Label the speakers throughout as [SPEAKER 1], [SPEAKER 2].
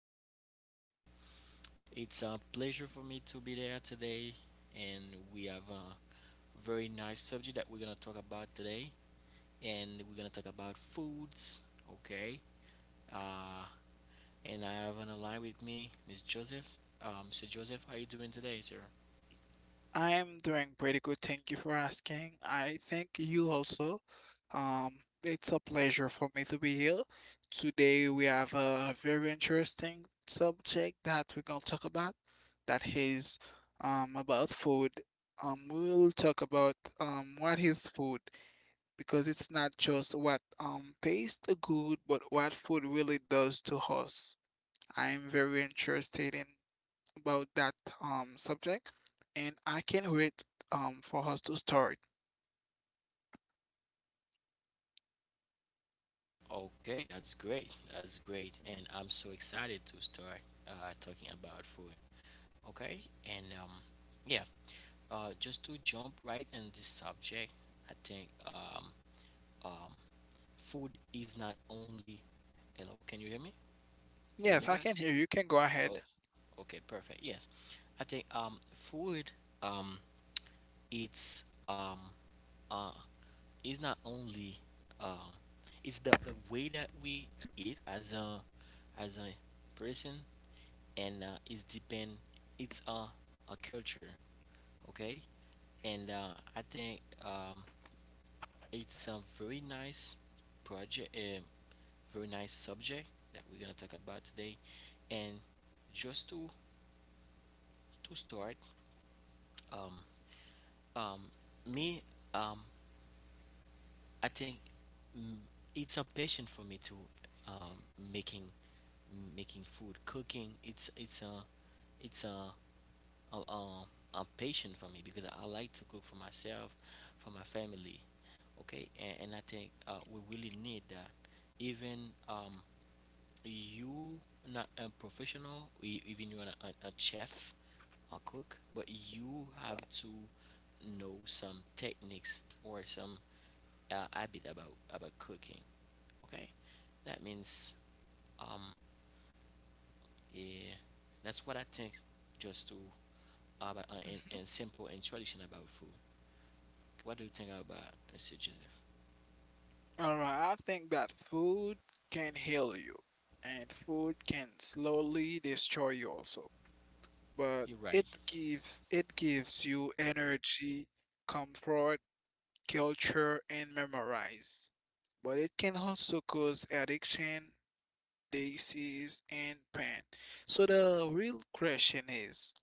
[SPEAKER 1] Um, it's a pleasure for me to be there today, and we have a very nice subject that we're gonna talk about today, and we're gonna talk about foods. Okay. Uh, and I have on the line with me Miss Joseph. So Joseph, how you doing today, sir?
[SPEAKER 2] I'm doing pretty good. Thank you for asking. I thank you also. It's a pleasure for me to be here. Today we have a very interesting subject that we're gonna talk about. That is about food. We'll talk about what is food because it's not just what tastes good, but what food really does to us. I'm very interested in about that subject, and I can't wait for us to start.
[SPEAKER 1] Okay, that's great. That's great, and I'm so excited to start talking about food. Okay, and yeah, just to jump right in this subject, I think um, food is not only. Hello, can you hear me? You hear
[SPEAKER 2] Yes,
[SPEAKER 1] me,
[SPEAKER 2] I can
[SPEAKER 1] guys?
[SPEAKER 2] hear you. You can go ahead.
[SPEAKER 1] Oh, okay, perfect. Yes, I think food um, it's uh, is not only uh, it's the way that we eat as a person, and it's a culture. Okay, and I think it's a very nice project, a very nice subject that we're gonna talk about today. And just to start, um, um, me, um, I think mm, it's a passion for me to um, making making food, cooking. It's a it's a a, a, a passion for me because I like to cook for myself, for my family. Okay, and I think we really need that. Even you not a professional, even you are a, chef, a cook, but you have to know some techniques or some habit about cooking. Okay, that means um yeah, that's what I think. Just to about
[SPEAKER 2] Mm-hmm.
[SPEAKER 1] and simple and tradition about food. What do you think about Mr. Joseph?
[SPEAKER 2] All right, I think that food can heal you, and food can slowly destroy you also. But
[SPEAKER 1] You're right.
[SPEAKER 2] it gives you energy, comfort, culture, and memorize. But it can also cause addiction, disease, and pain. So the real question is,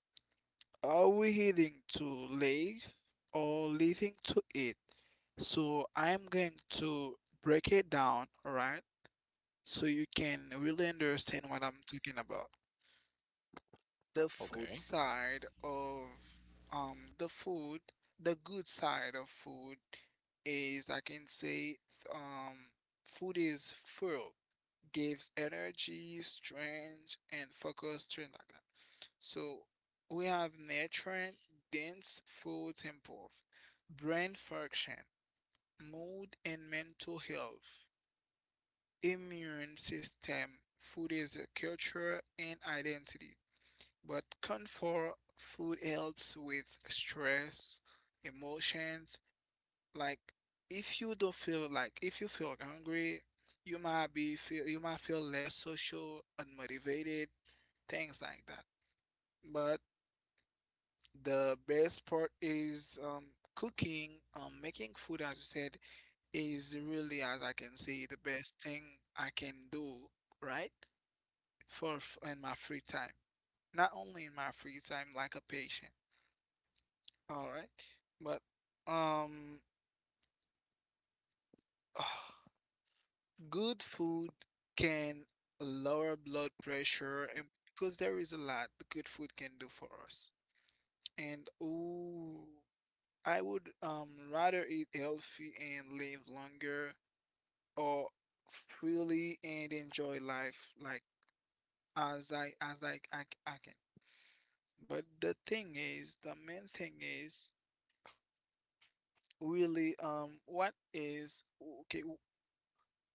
[SPEAKER 2] are we eating to live or living to eat? So I'm going to break it down, alright? So you can really understand what I'm talking about. The
[SPEAKER 1] Okay.
[SPEAKER 2] food side of the food, The good side of food is I can say um food is full, gives energy, strength, and focus, strength like that. So we have nutrient dense foods improve brain function, mood and mental health. Immune system. Food is a culture and identity, but comfort food helps with stress, emotions. Like if you feel hungry, you might feel less social and motivated, things like that. But the best part is cooking, making food, as you said, is really, as I can see, the best thing I can do, right? For in my free time. Not only in my free time, like a patient. All right, but um, good food can lower blood pressure, and because there is a lot good food can do for us. And ooh, I would rather eat healthy and live longer, or freely and enjoy life like as I can. But the thing is, the main thing is really what is okay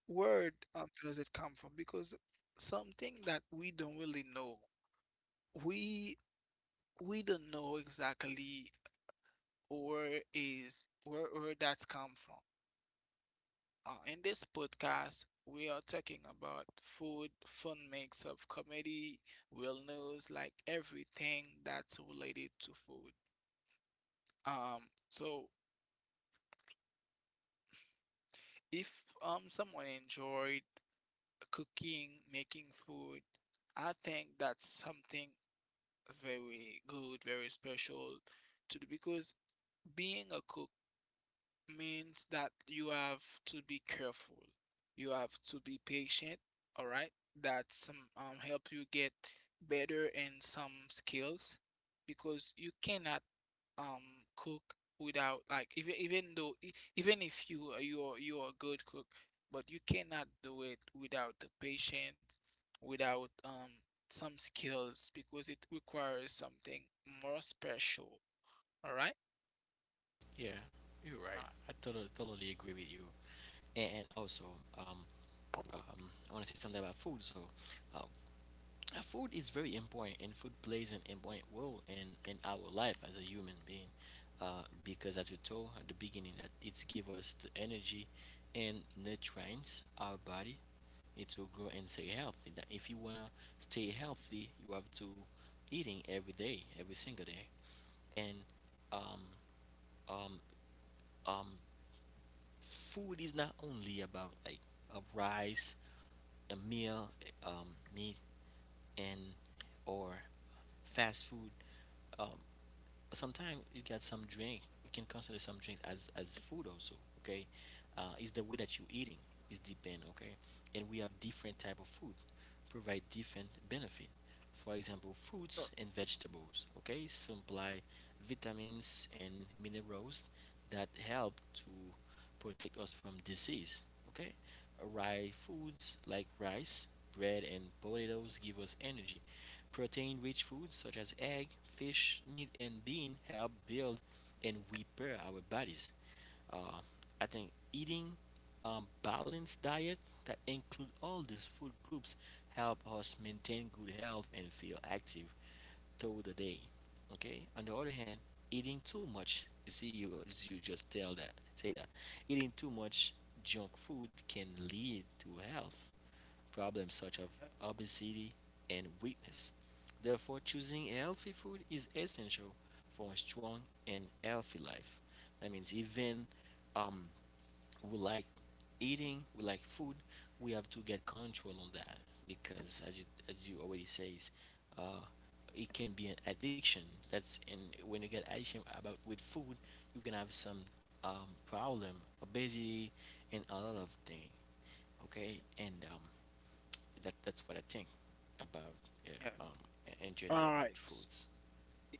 [SPEAKER 2] where does it come from because something that we don't really know we we don't know exactly where is where that's come from. In this podcast we are talking about food, fun mix of comedy, wellness, like everything that's related to food. um so if someone enjoyed cooking, making food. I think that's something very good, very special to do because being a cook means that you have to be careful. You have to be patient, all right? That some help you get better in some skills because you cannot um cook without like even if you're a good cook, but you cannot do it without the patience, without some skills because it requires something more special. All right?
[SPEAKER 1] Yeah, you're
[SPEAKER 2] All
[SPEAKER 1] right.
[SPEAKER 2] right.
[SPEAKER 1] I totally agree with you. And also, um, I want to say something about food. So, uh, food is very important, and food plays an important role in our life as a human being. Because as we told at the beginning, that it's give us the energy and nutrients our body need to grow and stay healthy. That if you wanna stay healthy, you have to eating every day, every single day. And um, um, um, food is not only about like a rice, a meal, meat, and or fast food. Um, Sometimes you get some drink you can consider some drinks as food also. Okay, it's the way that you eating is depend. Okay, and we have different type of food provide different benefit. For example, fruits and vegetables, okay, supply vitamins and minerals that help to protect us from disease. Okay, rye foods like rice, bread and potatoes give us energy. Protein rich foods such as egg, fish, meat, and bean help build and repair our bodies. Uh, I think eating a balanced diet that includes all these food groups help us maintain good health and feel active through the day. Okay. On the other hand, eating too much, you see, you just tell that say that eating too much junk food can lead to health problems such as
[SPEAKER 2] Yes,
[SPEAKER 1] obesity and weakness. Therefore, choosing healthy food is essential for a strong and healthy life. That means even um, we like eating, we like food, we have to get control on that because, as you already says, uh, it can be an addiction. That's and when you get addiction about with food, you can have some problem, obesity, and a lot of thing. Okay, and that that's what I think about, yeah,
[SPEAKER 2] yes.
[SPEAKER 1] um in
[SPEAKER 2] All
[SPEAKER 1] general
[SPEAKER 2] right.
[SPEAKER 1] about foods.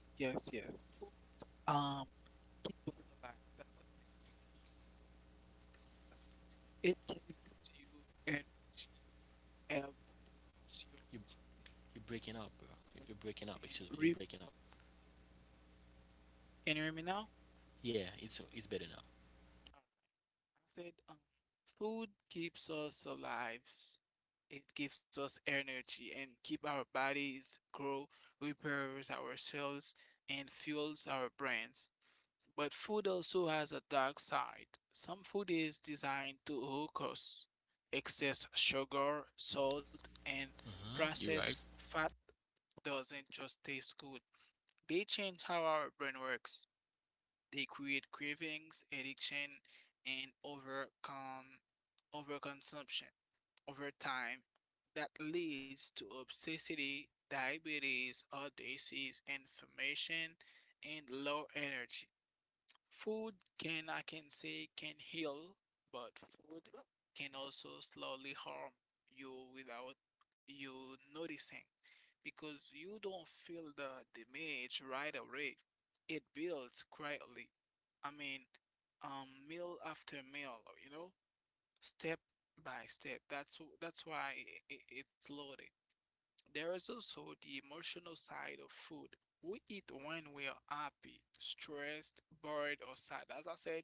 [SPEAKER 2] Yes, yes. Food, um, people alive. That's something which it gives you energy, helps your
[SPEAKER 1] You you're breaking up, bro.
[SPEAKER 2] body,
[SPEAKER 1] You- are breaking up. Excuse
[SPEAKER 2] and
[SPEAKER 1] me. You're
[SPEAKER 2] re.
[SPEAKER 1] breaking up.
[SPEAKER 2] Can you hear me now?
[SPEAKER 1] Yeah, it's better now.
[SPEAKER 2] Said, food keeps us alive. It gives us energy and keep our bodies grow, repairs our cells, and fuels our brains. But food also has a dark side. Some food is designed to hook us. Excess sugar, salt, and
[SPEAKER 1] Hmm. You're
[SPEAKER 2] processed
[SPEAKER 1] right.
[SPEAKER 2] fat doesn't just taste good. They change how our brain works. They create cravings, addiction, and overconsumption over time that leads to obesity, diabetes, heart disease, inflammation, and low energy. Food can, I can say, can heal, but food can also slowly harm you without you noticing because you don't feel the damage right away. It builds quietly. I mean, meal after meal, you know, step by step. That's why it's loaded. There is also the emotional side of food. We eat when we are happy, stressed, bored, or sad. As I said,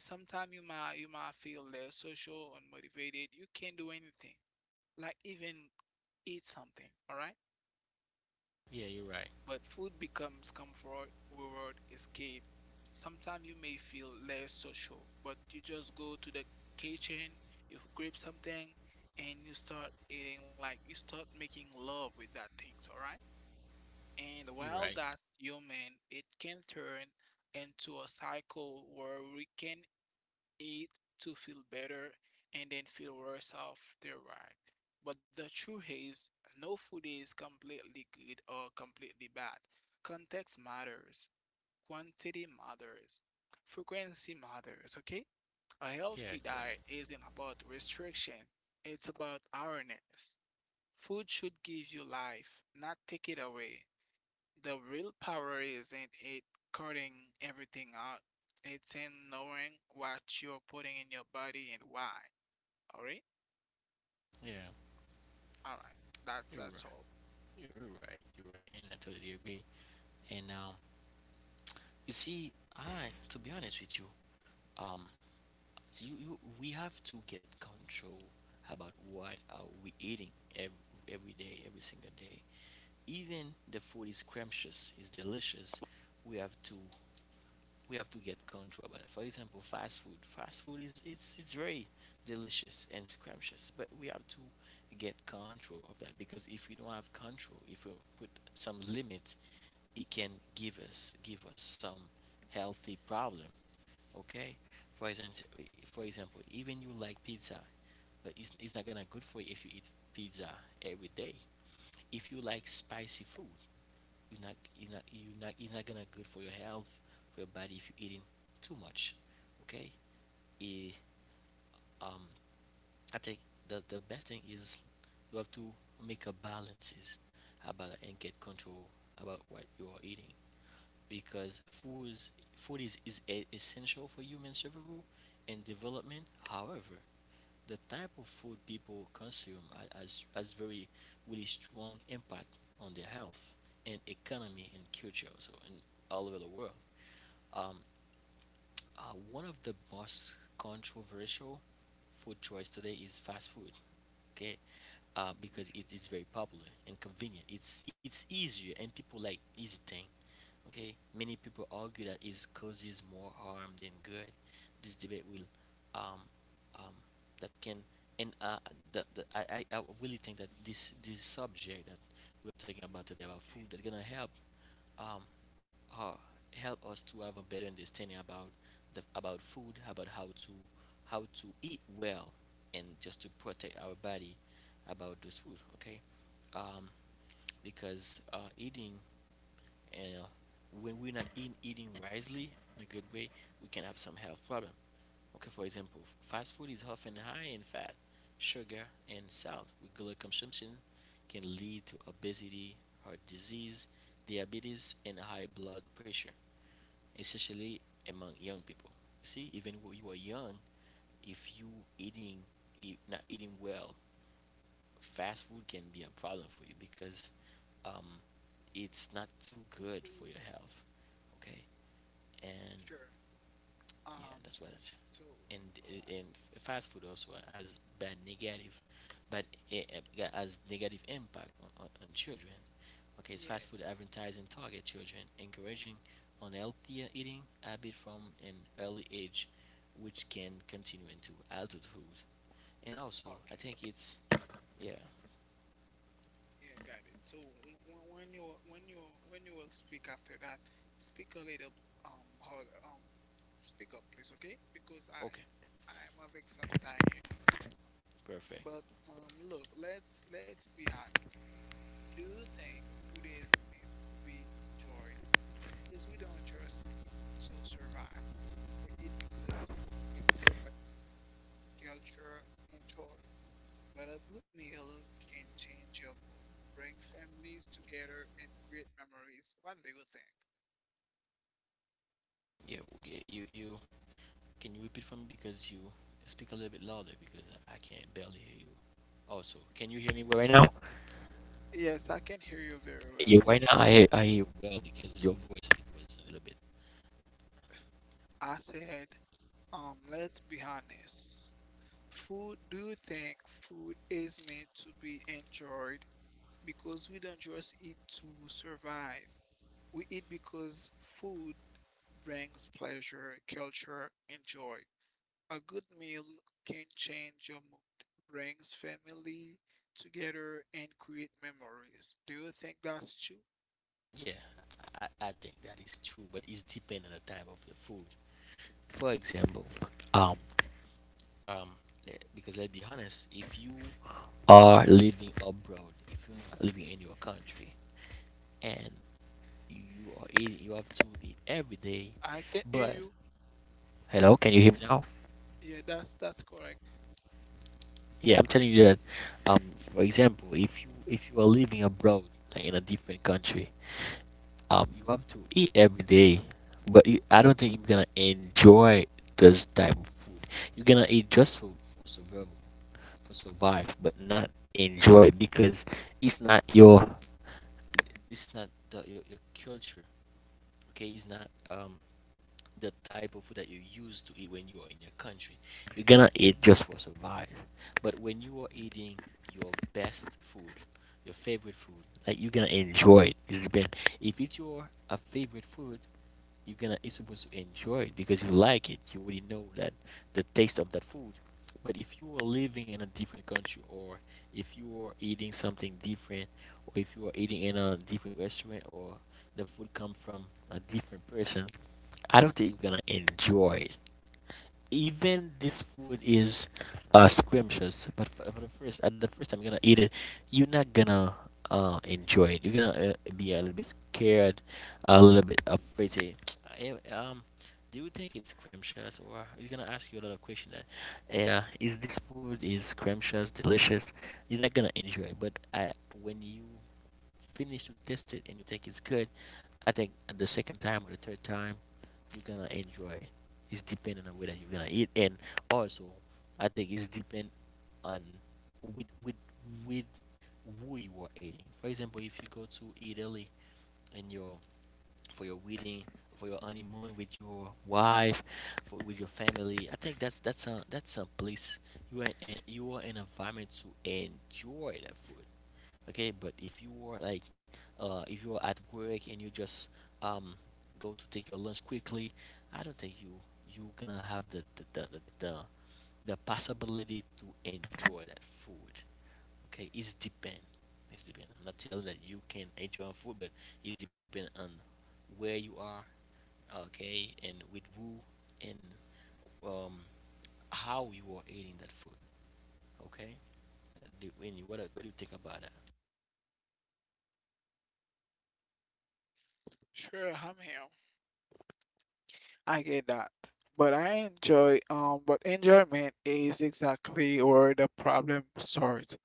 [SPEAKER 2] sometimes you might feel less social, unmotivated. You can't do anything, like even eat something. All right,
[SPEAKER 1] Yeah, you're right.
[SPEAKER 2] but food becomes comfort, reward, escape. Sometimes you may feel less social, but you just go to the kitchen, you grab something, and you start eating. Like you start making love with that things. All right. And
[SPEAKER 1] You're right.
[SPEAKER 2] while that's human, it can turn into a cycle where we can eat to feel better and then feel worse after, right? But the truth is, no food is completely good or completely bad. Context matters, quantity matters, frequency matters, okay? A
[SPEAKER 1] Yeah,
[SPEAKER 2] healthy
[SPEAKER 1] you're right.
[SPEAKER 2] diet isn't about restriction, it's about awareness. Food should give you life, not take it away. The real power isn't it cutting everything out. It's in knowing what you're putting in your body and why. All right?
[SPEAKER 1] Yeah,
[SPEAKER 2] All right. That's
[SPEAKER 1] you're
[SPEAKER 2] that's all.
[SPEAKER 1] right. You're right. And I totally agree. And you see, I to be honest with you, um, so you, we have to get control about what are we eating every, every day, every single day. Even the food is scrumptious, is delicious. We have to we have to get control about it. For example, fast food. Fast food is it's very delicious and scrumptious, but we have to get control of that because if we don't have control, if we put some limit, it can give us some healthy problem. Okay, for example for example, even you like pizza, but it's not gonna good for you if you eat pizza every day. If you like spicy food, you're not, it's not gonna good for your health for your body if you're eating too much. Okay. Eh, um I think the best thing is you have to make a balances about and get control about what you are eating, because food is essential for human survival and development. However, the type of food people consume has very really strong impact on their health and economy and culture also in all over the world. um, uh, One of the most controversial food choice today is fast food. Okay, because it
[SPEAKER 2] Mhm.
[SPEAKER 1] is very popular and convenient. It's easier and people like easy thing. Okay, many people argue that it causes more harm than good. This debate will, um, um, that can, and the, I, I really think that this subject that we're talking
[SPEAKER 2] Mm,
[SPEAKER 1] about today about
[SPEAKER 2] okay.
[SPEAKER 1] food is gonna help, um, uh, help us to have a better understanding about the about food, about how to eat well, and just to protect our body about this food. Okay, um, because eating and when we're not eating wisely in a good way, we can have some health problem. Okay, for example, fast food is often high in fat, sugar, and salt. Regular consumption can lead to obesity, heart disease, diabetes and high blood pressure, especially among young people. See, even when you are young, if you eating not eating well, fast food can be a problem for you because um, it's not too good for
[SPEAKER 2] Food.
[SPEAKER 1] your health. Okay, and
[SPEAKER 2] Sure.
[SPEAKER 1] yeah,
[SPEAKER 2] Um.
[SPEAKER 1] that's what. It,
[SPEAKER 2] So. All
[SPEAKER 1] and
[SPEAKER 2] right.
[SPEAKER 1] and fast food also has bad negative, but it, it has negative impact on, on children. Okay, it's fast food
[SPEAKER 2] Yes.
[SPEAKER 1] advertising target children, encouraging unhealthy eating habit from an early age, which can continue into adulthood. And also, I
[SPEAKER 2] Okay.
[SPEAKER 1] think it's yeah.
[SPEAKER 2] Yeah. Got it. So when you will speak after that, speak a little harder. Speak up, please. Okay? Because I
[SPEAKER 1] Okay,
[SPEAKER 2] I'm having some time.
[SPEAKER 1] perfect.
[SPEAKER 2] But look, let's be honest. Do you think food is meant to be enjoyed? Because we don't just eat to survive. We eat because food brings pleasure, culture, and joy. But a good meal can change your mood, bring families together, and create memories. What do you think?
[SPEAKER 1] Yeah, okay. You, can you repeat for me because you speak a little bit louder, because I can't barely hear you. Also, can you hear me well right now?
[SPEAKER 2] Yes, I can hear you very
[SPEAKER 1] Yeah,
[SPEAKER 2] well.
[SPEAKER 1] right now I hear well because your voice it was a little bit.
[SPEAKER 2] I said, let's be honest. Food, do you think food is meant to be enjoyed? Because we don't just eat to survive. We eat because food brings pleasure, culture, and joy. A good meal can change your mood, brings family together, and create memories. Do you think that's true?
[SPEAKER 1] Yeah, I I think that is true, but it's dependent on the type of the food. For example, um um because let's be honest, if you are living abroad, if you're not living in your country and you are eating, you have to eat every day.
[SPEAKER 2] I can hear
[SPEAKER 1] But
[SPEAKER 2] you.
[SPEAKER 1] hello, can you hear me now?
[SPEAKER 2] Yeah, that's correct.
[SPEAKER 1] Yeah, I'm telling you that. Um, for example, if you are living abroad, like in a different country, you have to eat every day, but you, I don't think you're gonna enjoy this type of food. You're gonna eat just for survival, for survive, but not enjoy because it's not your, it's not the, your culture. Okay, it's not the type of food that you used to eat when you are in your country. You're gonna eat just for survive. But when you are eating your best food, your favorite food, like you're gonna enjoy it. It's been if it's your a favorite food, you're supposed to enjoy it because you like it. You already know that the taste of that food. But if you are living in a different country, or if you are eating something different, or if you are eating in a different restaurant, or the food come from a different person, I don't think you're gonna enjoy it, even this food is scrumptious. But for the first at the first time you're gonna eat it, you're not gonna enjoy it. You're gonna be a little bit scared, a little bit afraid. Say, "Eh, do you think it's scrumptious, or you're gonna ask you a lot of questions? That, yeah, is this food is scrumptious, delicious? You're not gonna enjoy it. But I, when you finish to test it and you think it's good, I think at the second time or the third time, you're gonna enjoy it. It's dependent on whether you're gonna eat, and also I think it's depend on with with with who you are eating. For example, if you go to Italy and your for your wedding, for your honeymoon with your wife, for, with your family, I think that's a place you are in an environment to enjoy the food. Okay, but if you are like if you are at work and you just um go to take your lunch quickly. I don't think you gonna have the, the possibility to enjoy that food. Okay, it's depend. It's depend. I'm not telling that you can enjoy food, but it's depend on where you are, okay, and with who, and um, how you are eating that food. Okay, do, when you, what do you think about that?
[SPEAKER 2] Sure, I'm here. I get that. But I enjoy but enjoyment is exactly where the problem starts.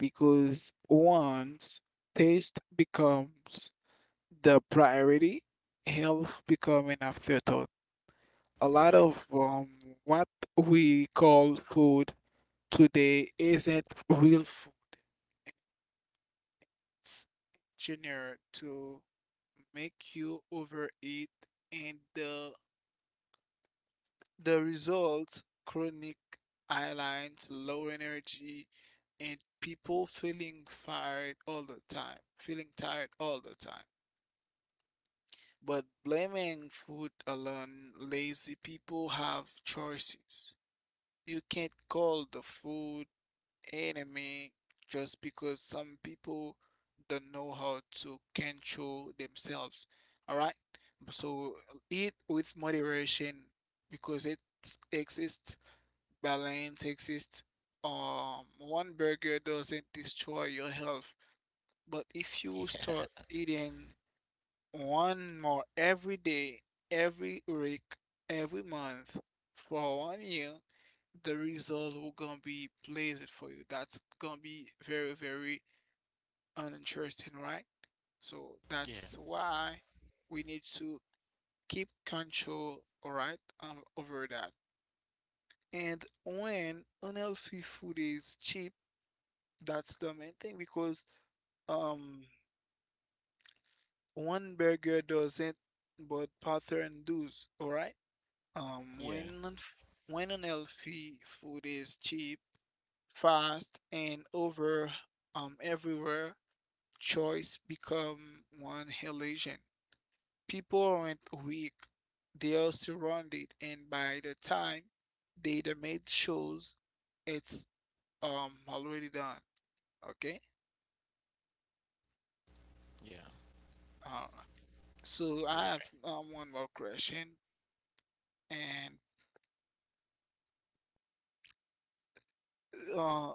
[SPEAKER 2] Because once taste becomes the priority, health become an afterthought. A
[SPEAKER 1] You're
[SPEAKER 2] lot
[SPEAKER 1] right.
[SPEAKER 2] of what we call food today isn't real food. It's engineered to make you overeat, and the result chronic eye lines, low energy, and people feeling tired all the time, feeling tired all the time. But blaming food alone, lazy people have choices. You can't call the food enemy just because some people don't know how to control themselves. All right? So eat with moderation because it exists, balance exists. One burger doesn't destroy your health, but if you start eating one more every day, every week, every month for one year, the results will gonna be blazed for you. That's gonna be very, very uninteresting, right? So
[SPEAKER 1] Yeah,
[SPEAKER 2] that's why we need to keep control, all right, over that. And when unhealthy food is cheap, that's the main thing because um one burger doesn't, but pattern does, all right? Um,
[SPEAKER 1] yeah,
[SPEAKER 2] when an, f- when unhealthy food is cheap, fast, and over everywhere, choice become one illusion. People aren't weak; they are surrounded, and by the time they the made shows, it's already done. Okay,
[SPEAKER 1] yeah.
[SPEAKER 2] all right. So
[SPEAKER 1] You're
[SPEAKER 2] I have
[SPEAKER 1] right.
[SPEAKER 2] one more question, and uh,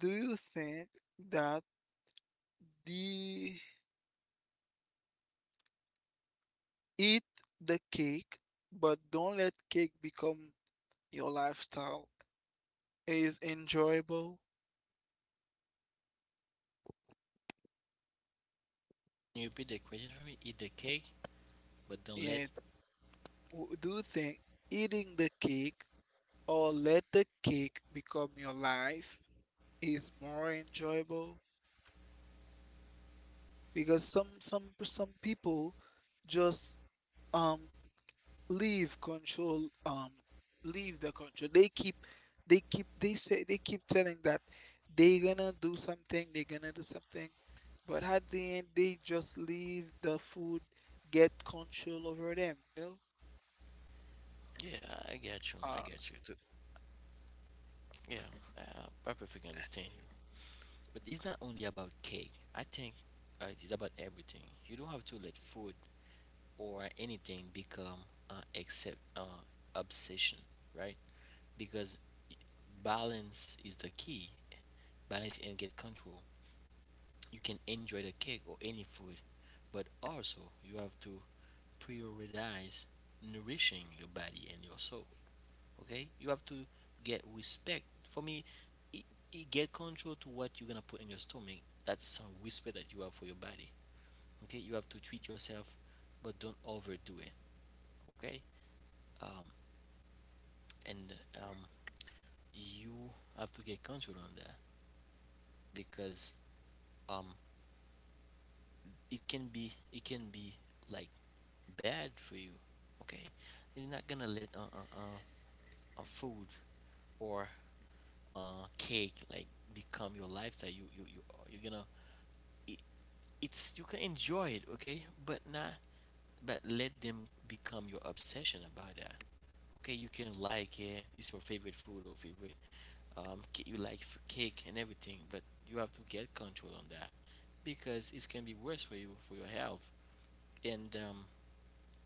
[SPEAKER 2] do you think that the Eat the cake, but don't let cake become your lifestyle. It is enjoyable
[SPEAKER 1] Can you repeat the question for me? Eat the cake, but don't let.
[SPEAKER 2] and do think eating the cake or let the cake become your life is more enjoyable because some people just um leave control leave the control they keep telling that they gonna do something, but at the end they just leave the food get control over them.
[SPEAKER 1] Yeah, I get you. I
[SPEAKER 2] uh
[SPEAKER 1] get you too. Yeah, I perfectly understand you. But it's not only about cake. I think it is about everything. You don't have to let food or anything become except obsession, right? Because balance is the key. Balance and get control. You can enjoy the cake or any food, but also you have to prioritize nourishing your body and your soul. Okay, you have to get respect. For me, y- y get control to what you're gonna put in your stomach. That's some whisper that you have for your body. Okay, you have to treat yourself, but don't overdo it. Okay, um, and um, you have to get control on that because um, it can be like bad for you. Okay, you're not gonna let a food or cake like become your lifestyle. You you're gonna it, you can enjoy it. Okay, but not, but let them become your obsession about that. Okay, you can like it. It's your favorite food or favorite, you like cake and everything, but you have to get control on that because it can be worse for you, for your health. And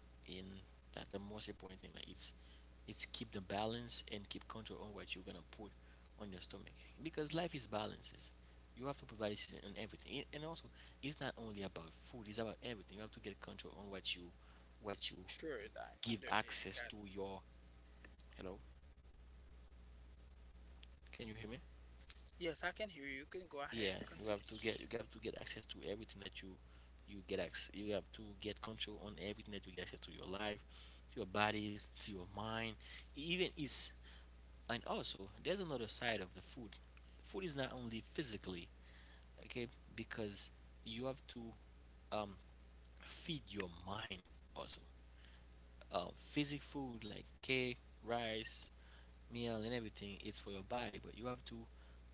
[SPEAKER 1] in that, the most important thing, like, it's keep the balance and keep control on what you're gonna put on your stomach, because life is balances. You have to provide this and everything. And also it's not only about food, it's about everything. You have to get control on what you
[SPEAKER 2] sure.
[SPEAKER 1] give
[SPEAKER 2] I
[SPEAKER 1] access
[SPEAKER 2] got.
[SPEAKER 1] to your. Hello, can you hear me?
[SPEAKER 2] Yes, I can hear you. You can go
[SPEAKER 1] Yeah,
[SPEAKER 2] ahead,
[SPEAKER 1] you have to
[SPEAKER 2] continue.
[SPEAKER 1] get access to everything that you get access. You have to get control on everything that you get access to, your life, to your body, to your mind, even it's. And also there's another side of the food. Food is not only physically. Okay, because you have to um feed your mind also. Physic food like cake, rice, meal and everything, it's for your body, but you have to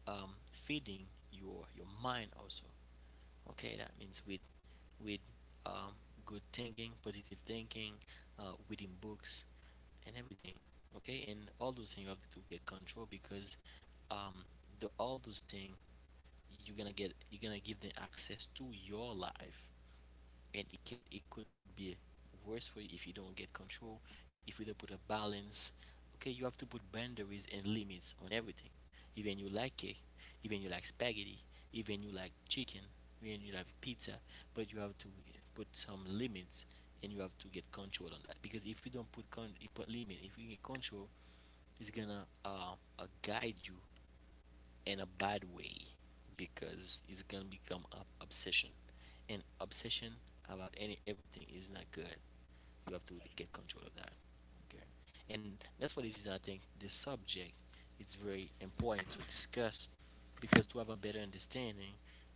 [SPEAKER 1] feeding your mind also. Okay, that means with with um, good thinking, positive thinking, reading books and everything. Okay, and all those things you have to get control, because um the, all those things, you're gonna give them access to your life, and it could be worse for you if you don't get control, if you don't put a balance. Okay, you have to put boundaries and limits on everything, even you like cake, even you like spaghetti, even you like chicken, even you like pizza. But you have to put some limits, and you have to get control on that, because if you don't put con you put limit, if you get control, it's gonna guide you in a bad way, because it's gonna become an obsession, and obsession about any everything is not good. You have to get control of that. Okay, and that's for this reason I think this subject, it's very important to discuss, because to have a better understanding,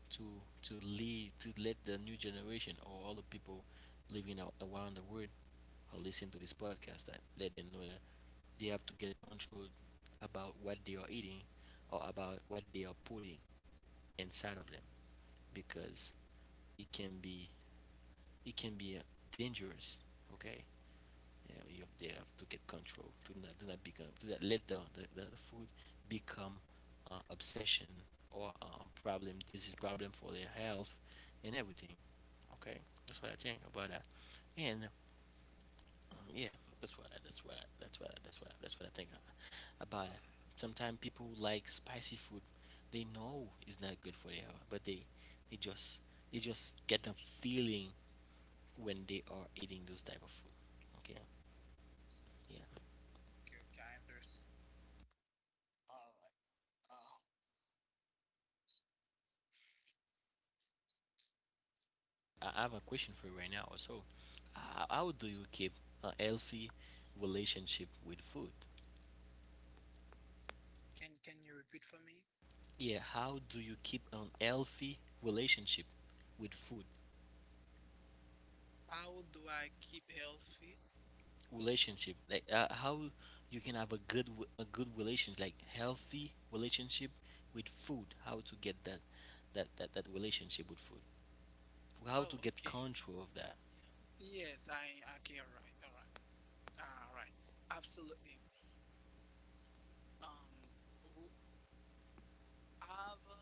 [SPEAKER 1] to lead, to let the new generation or all the people living out around the world or listen to this podcast, that let them know that they have to get control about what they are eating or about what they are putting inside of them, because it can be it can be dangerous. Okay, yeah, they have to get control. Do not do not become do not let the food become obsession or a problem. This is problem for their health and everything. Okay, that's what I think about that. And yeah, that's what I, that's what I, that's what I, that's what I, that's what I think about it.
[SPEAKER 2] uh
[SPEAKER 1] Sometimes people like spicy food. They know it's not good for their health, but they just they just get a feeling when they are eating those type of food. Okay, yeah.
[SPEAKER 2] okay, okay, I understand, all right. uh
[SPEAKER 1] I have a question for you right now. So, how do you keep a healthy relationship with food?
[SPEAKER 2] can can you repeat for me?
[SPEAKER 1] Yeah, how do you keep an healthy relationship with food?
[SPEAKER 2] How do I keep healthy?
[SPEAKER 1] Relationship, like, how you can have a good a good relationship, like healthy relationship with food, how to get that, that relationship with food, how to
[SPEAKER 2] Oh,
[SPEAKER 1] get
[SPEAKER 2] okay.
[SPEAKER 1] control of that.
[SPEAKER 2] Yes, I okay, all right, all right. All right, absolutely. Um, w- have a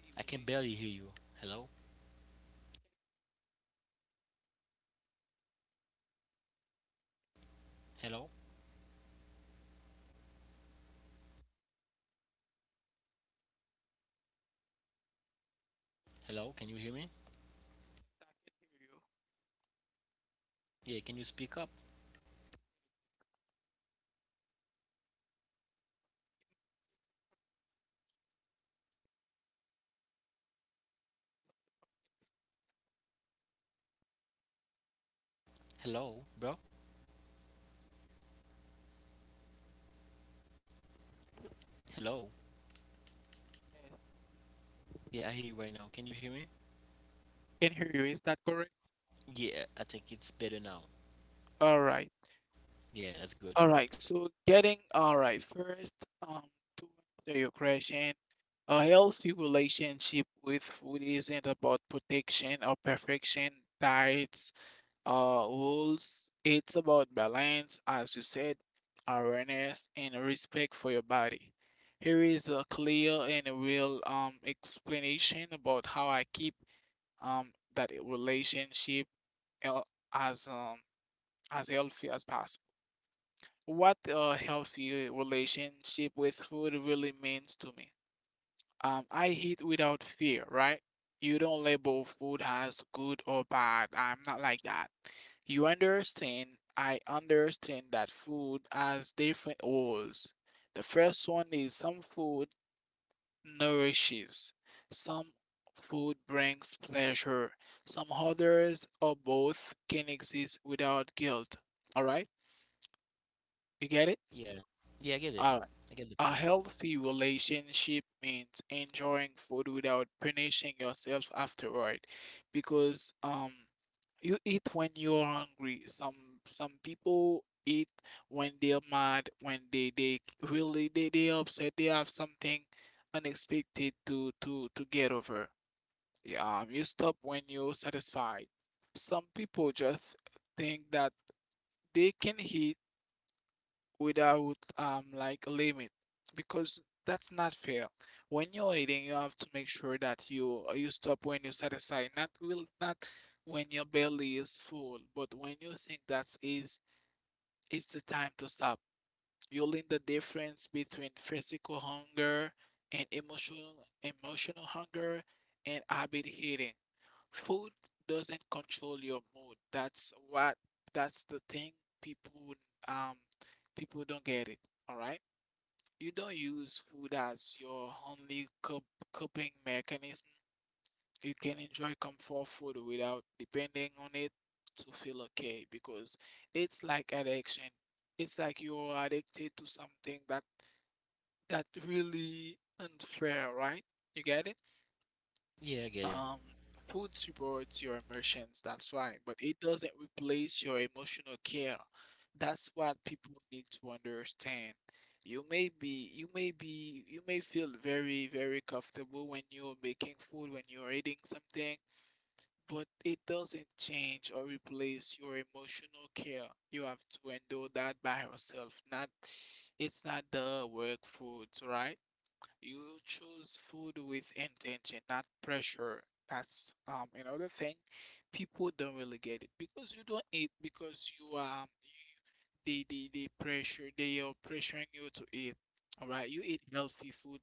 [SPEAKER 1] I can barely
[SPEAKER 2] relation.
[SPEAKER 1] hear you. Hello? Hello? Hello, can you hear me?
[SPEAKER 2] I can hear you.
[SPEAKER 1] Yeah, can you speak up? Hello, bro. Hello?
[SPEAKER 2] Yes,
[SPEAKER 1] Yeah, I hear you right now. Can you hear me?
[SPEAKER 2] can hear you. Is that correct?
[SPEAKER 1] Yeah, I think it's better now.
[SPEAKER 2] All right,
[SPEAKER 1] Yeah, that's good.
[SPEAKER 2] all right. So getting all right first. Um, to answer your question, a healthy relationship with food isn't about protection or perfection. Diets, rules, it's about balance, as you said, awareness, and respect for your body. Here is a clear and a real explanation about how I keep that relationship el- as um as healthy as possible. What a healthy relationship with food really means to me. I eat without fear, right? You don't label food as good or bad. I'm not like that. You understand? I understand that food has different roles. The first one is some food nourishes, some food brings pleasure, some others or both can exist without guilt. All right? You get it?
[SPEAKER 1] Yeah, yeah, I get it.
[SPEAKER 2] All right.
[SPEAKER 1] I get the point.
[SPEAKER 2] A healthy relationship means enjoying food without punishing yourself afterward because you eat when you're hungry. Some people eat when they're mad, when they really they upset, they have something unexpected to get over. Yeah, you stop when you're satisfied. Some people just think that they can eat without like a limit because that's not fair. When you're eating, you have to make sure that you stop when you're satisfied, not will not when your belly is full, but when you think that's is it's the time to stop building the difference between physical hunger and emotional hunger and habit eating. Food doesn't control your mood. That's the thing people um people don't get it. All right. You don't use food as your only coping mechanism. You can enjoy comfort food without depending on it to feel okay because it's like addiction. It's like you're addicted to something that's really unfair, right? You get it?
[SPEAKER 1] Yeah, I get it.
[SPEAKER 2] Um, Food supports your emotions, that's why, but it doesn't replace your emotional care. That's what people need to understand. You may feel very, very comfortable when you're making food, when you're eating something, but it doesn't change or replace your emotional care. You have to endure that by yourself. Not, It's not the work foods, right? You choose food with intention, not pressure. That's another thing. People don't really get it because you don't eat because you they pressure they are pressuring you to eat. All right, you eat healthy food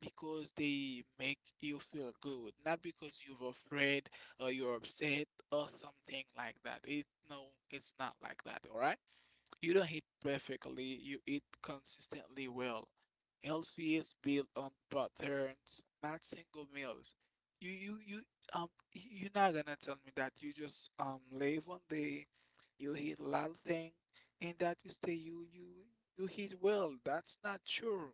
[SPEAKER 2] because they make you feel good, not because you're afraid or you're upset or something like that. It No, it's not like that. All right. You don't eat perfectly, you eat consistently well. Healthy is built on patterns, not single meals. You you you um you're not gonna tell me that you just live one day, you eat a lot of things, and that you say you eat well. That's not true,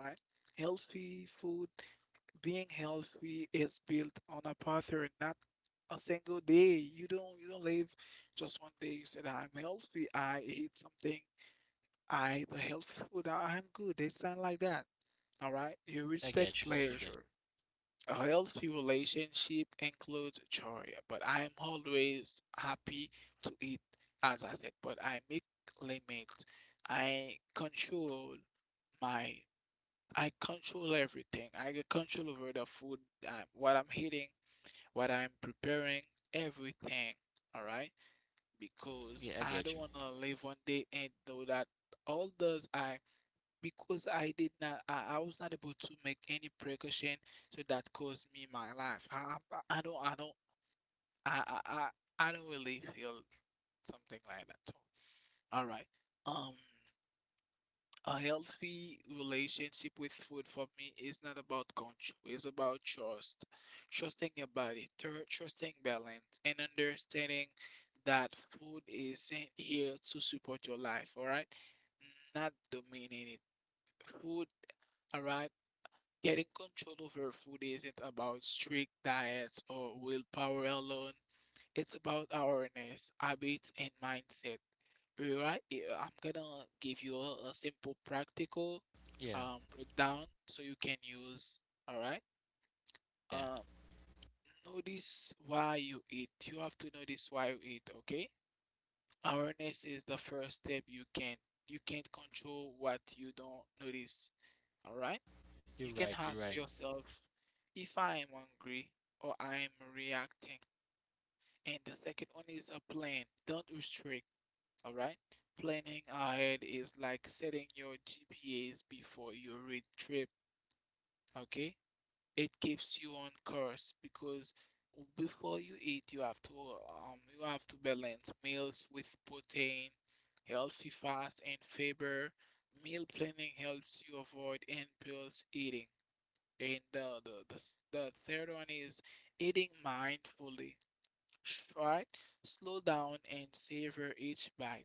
[SPEAKER 2] right? Healthy food, being healthy is built on a pattern, not a single day. You don't live just one day. You said I'm healthy. I eat a healthy food. I'm good. It's not like that. All right. You
[SPEAKER 1] I
[SPEAKER 2] respect
[SPEAKER 1] get you. I get
[SPEAKER 2] pleasure. A healthy relationship includes joy, but I'm always happy to eat, as I said. But I make limits. I control my. I control everything. I get control over the food, what I'm eating, what I'm preparing, everything. All right.
[SPEAKER 1] you.
[SPEAKER 2] Because
[SPEAKER 1] Yeah, I
[SPEAKER 2] I
[SPEAKER 1] get you.
[SPEAKER 2] don't want to live one day and know that all those I because I was not able to make any precaution, so that caused me my life. I don't, I don't, I, I, I I don't really feel something like that. So, all right. Um, a healthy relationship with food for me is not about control. It's about trust, trusting your body, trusting balance, and understanding that food isn't here to support your life. All right, not dominate it. Food All right. Getting control over food isn't about strict diets or willpower alone. It's about awareness, habits, and mindset. Alright, yeah, I'm gonna give you a simple practical
[SPEAKER 1] Yeah,
[SPEAKER 2] breakdown so you can use. Alright,
[SPEAKER 1] yeah.
[SPEAKER 2] um, notice why you eat. You have to notice why you eat. Okay, awareness is the first step. You can't control what you don't notice. Alright.
[SPEAKER 1] You're
[SPEAKER 2] You
[SPEAKER 1] right.
[SPEAKER 2] can
[SPEAKER 1] You're right.
[SPEAKER 2] ask yourself if I am hungry or I am reacting. And the second one is a plan. Don't restrict, all right? Planning ahead is like setting your GPAs before your road trip, okay? It keeps you on course because before you eat, you have to balance meals with protein, healthy fats, and fiber. Meal planning helps you avoid impulse eating, and the third one is eating mindfully. Right? Slow down and savor each bite.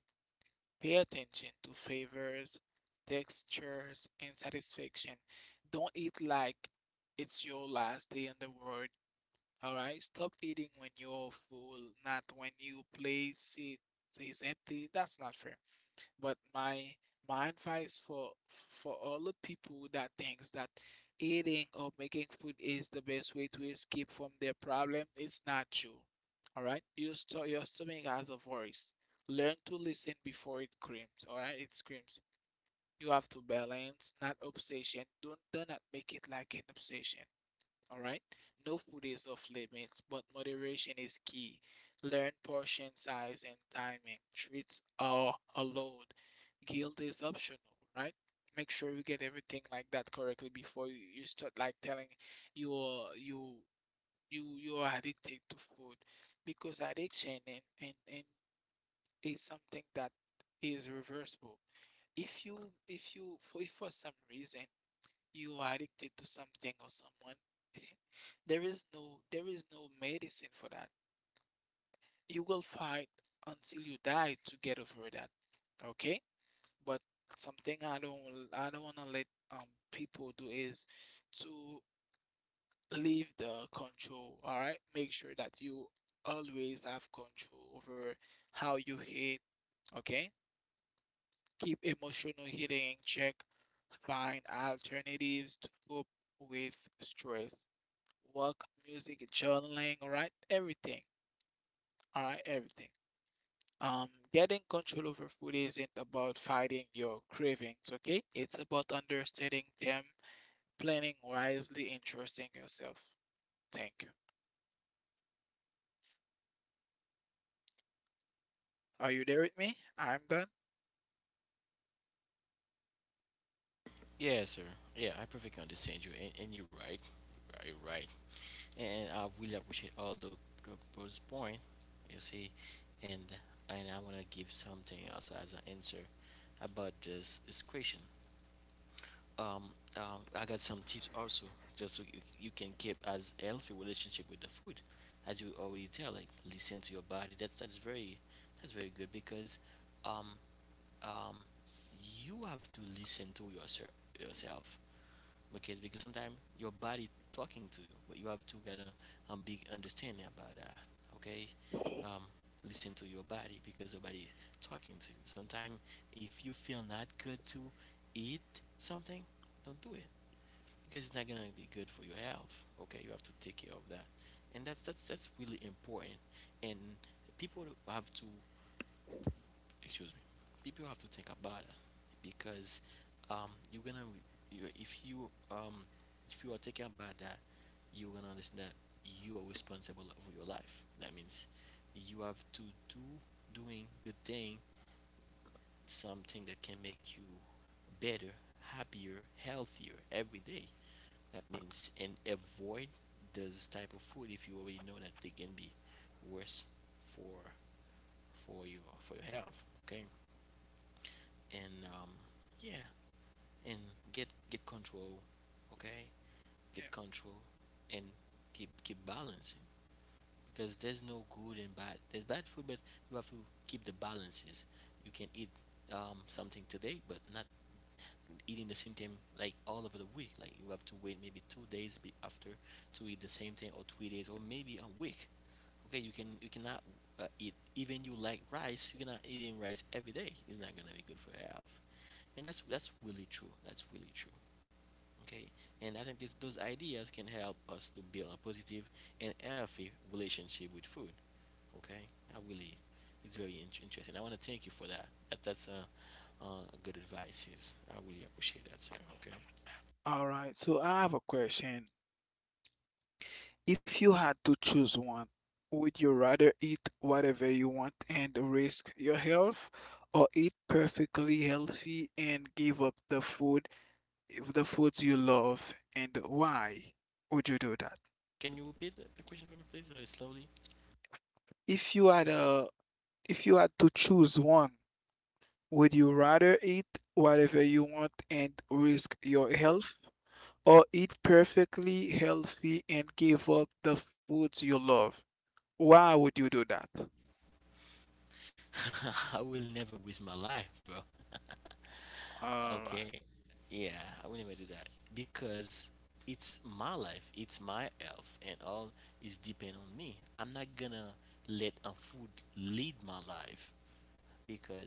[SPEAKER 2] Pay attention to flavors, textures, and satisfaction. Don't eat like it's your last day in the world. All right? Stop eating when you're full, not when you place it is empty. That's not fair. But my advice for all the people that thinks that eating or making food is the best way to escape from their problem, it's not true. All right, your your stomach has a voice. Learn to listen before it screams. All right, it screams. You have to balance, not obsession. Don't Do not make it like an obsession. All right. No food is off limits, but moderation is key. Learn portion size and timing. Treats are allowed. Guilt is optional, right? Make sure you get everything like that correctly before you start like telling you are you you are addicted to food, because addiction and is something that is reversible. If you if you for if for some reason you are addicted to something or someone, there is no medicine for that. You will fight until you die to get over that. Okay. But something I don't want to let um people do is to leave the control. All right, make sure that you always have control over how you hit. Okay, keep emotional hitting in check, find alternatives to cope with stress, work, music, journaling, all right? Everything, all right? Everything. Getting control over food isn't about fighting your cravings, okay? It's about understanding them, planning wisely, and trusting yourself. Thank you. Are you there with me? I'm done.
[SPEAKER 1] Yeah, sir. Yeah, I perfectly understand you, and you're right. You're right. You're right. And I really appreciate all the those point, you see, and I wanna give something else as an answer about this question. Um, I got some tips also, just so you can keep as healthy relationship with the food, as you already tell. Like, listen to your body. That's very good because, um, um, you have to listen to yourself, because sometimes your body talking to you, but you have to get a big understanding about that. Okay, um, listen to your body because your body talking to you sometimes. If you feel not good to eat something, don't do it, because it's not gonna be good for your health. Okay, you have to take care of that, and that's really important. And people have to excuse me, people have to think about it, because you're gonna, you, if you um if you are thinking about that, you're gonna understand that you are responsible for your life. That means you have to do doing good thing, something that can make you better, happier, healthier every day. That means, and avoid those type of food if you already know that they can be worse for for your health. Okay, and yeah, and get control, okay? Get control,
[SPEAKER 2] Yes.
[SPEAKER 1] and keep balancing, because there's no good and bad. There's bad food, but you have to keep the balances. You can eat something today, but not eating the same thing like all over the week. Like, you have to wait maybe 2 days after to eat the same thing, or 3 days, or maybe a week. Okay, you cannot eat, even you like rice. You're not eating rice every day. It's not gonna be good for your health. And that's really true, that's really true. Okay, and I think this, those ideas can help us to build a positive and healthy relationship with food. Okay, I really, it's very interesting. I want to thank you for that, that's a good advice, is I really appreciate that, sir. Okay.
[SPEAKER 2] All right, so I have a question. If you had to choose one, would you rather eat whatever you want and risk your health, or eat perfectly healthy and give up the food, if the foods you love, and why would you do that?
[SPEAKER 1] Can you repeat the question for me please, slowly?
[SPEAKER 2] If you had a if you had to choose one, would you rather eat whatever you want and risk your health, or eat perfectly healthy and give up the foods you love? Why would you do that?
[SPEAKER 1] I will never waste my life, bro. Okay.
[SPEAKER 2] All right.
[SPEAKER 1] Yeah, I will never do that, because it's my life, it's my health, and all is depend on me. I'm not gonna let a food lead my life, because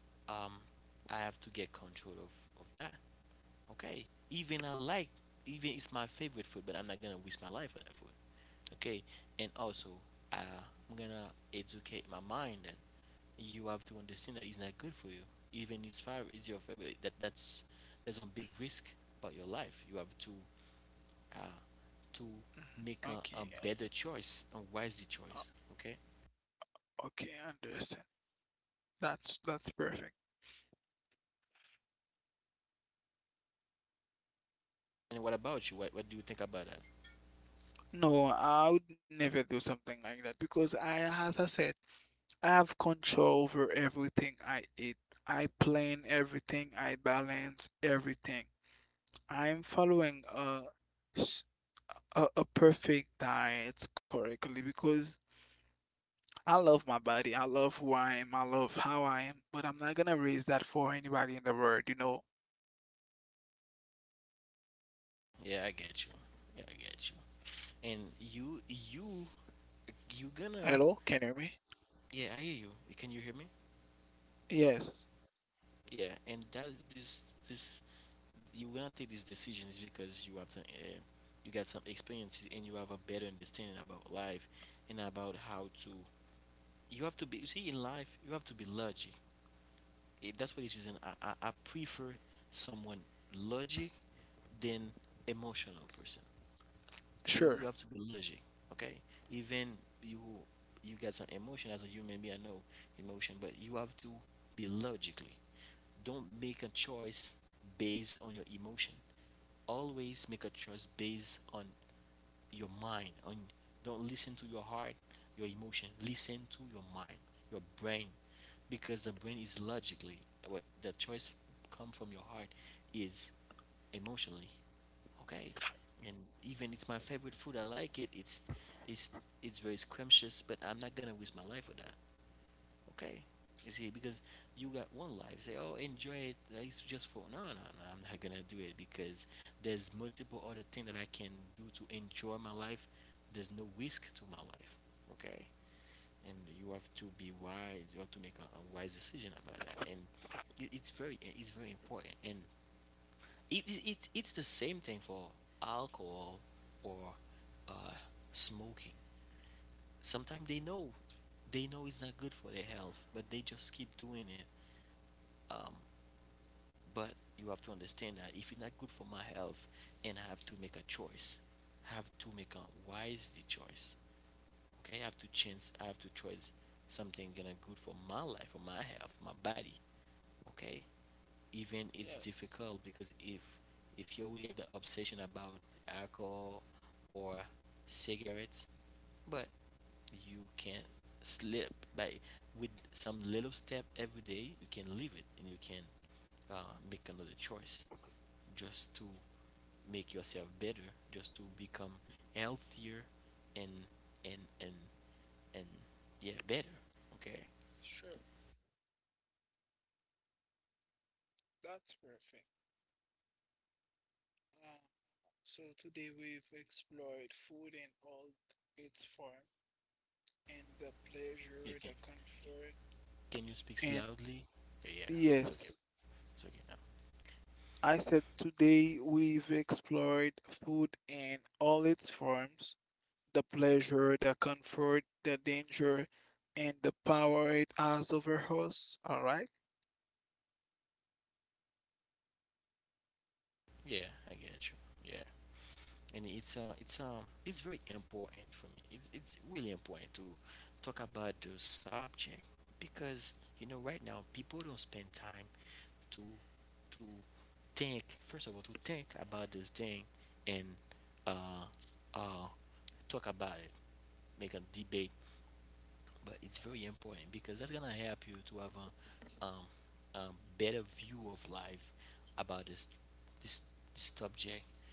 [SPEAKER 1] um I have to get control of that. Okay, even I like even it's my favorite food, but I'm not gonna waste my life for that food. Okay, and also uh, I'm gonna educate my mind that you have to understand that it's not good for you. Even if fire is your favorite. That that's There's a big risk about your life. You have to uh, to
[SPEAKER 2] Mm,
[SPEAKER 1] make a
[SPEAKER 2] okay.
[SPEAKER 1] better choice, a wisely choice. Okay.
[SPEAKER 2] Okay, I understand. That's perfect.
[SPEAKER 1] And what about you? What do you think about that?
[SPEAKER 2] No, I would never do something like that because I, as I said, I have control over everything I eat. I plan everything. I balance everything. I'm following s- a perfect diet correctly because I love my body. I love who I am. I love how I am. But I'm not gonna raise that for anybody in the world, you know.
[SPEAKER 1] Yeah, I get you. Yeah, I get you. And you you
[SPEAKER 2] Hello? Can you hear
[SPEAKER 1] you
[SPEAKER 2] me?
[SPEAKER 1] gonna yeah, I hear you. Can you hear me?
[SPEAKER 2] Yes.
[SPEAKER 1] Yeah. And that, this, you going to take these decisions because you got some experiences, and you have a better understanding about life and about how to. You have to be. You see, in life, you have to be logic. It, that's for this reason I prefer someone logic than emotional person. You have to
[SPEAKER 2] Sure.
[SPEAKER 1] be logic, okay? Even you you got some emotion as a human being. I know emotion, but you have to be logically. Don't make a choice based on your emotion. Always make a choice based on your mind. On Don't listen to your heart, your emotion. Listen to your mind, your brain, because the brain is logically what the choice. Come from your heart is emotionally. Okay, and even it's my favorite food, I like it. It's it's very scrumptious, but I'm not gonna waste my life with that. Okay, you see, because you got one life. Say, oh, enjoy it. Like, it's just for no, no, no. I'm not gonna do it because there's multiple other things that I can do to enjoy my life. There's no risk to my life. Okay, and you have to be wise. You have to make a wise decision about that, and it's it's very important. And it's the same thing for alcohol or uh, smoking. Sometimes they know it's not good for their health, but they just keep doing it. um, but you have to understand that if it's not good for my health and I have to make a choice, I have to make a wisely choice. Okay, I have to change, I have to choose something gonna good for my life, for my health, my body. Okay, even it's
[SPEAKER 2] Yes.
[SPEAKER 1] difficult because if you already have the obsession about alcohol or cigarettes, but you can't slip by with some little step every day, you can leave it and you can uh, make another choice. Just to make yourself better, just to become healthier and and and and yeah, better. Okay.
[SPEAKER 2] Sure. That's perfect. Um, so today we've explored food in all its forms, and the
[SPEAKER 1] You can
[SPEAKER 2] pleasure, the comfort.
[SPEAKER 1] can you speak
[SPEAKER 2] And
[SPEAKER 1] loudly? Yeah, it's okay.
[SPEAKER 2] yes,
[SPEAKER 1] It's okay now.
[SPEAKER 2] I said today we've explored food in all its forms, the pleasure, the comfort, the danger, and the power it has over us. All right?
[SPEAKER 1] Yeah, I get you. Yeah. And it's it's it's very important for me. It's really important to talk about the subject because you know right now people don't spend time to to think. First of all, to think about this thing and uh uh talk about it, make a debate. But it's very important because that's gonna help you to have a um better view of life about this this subject,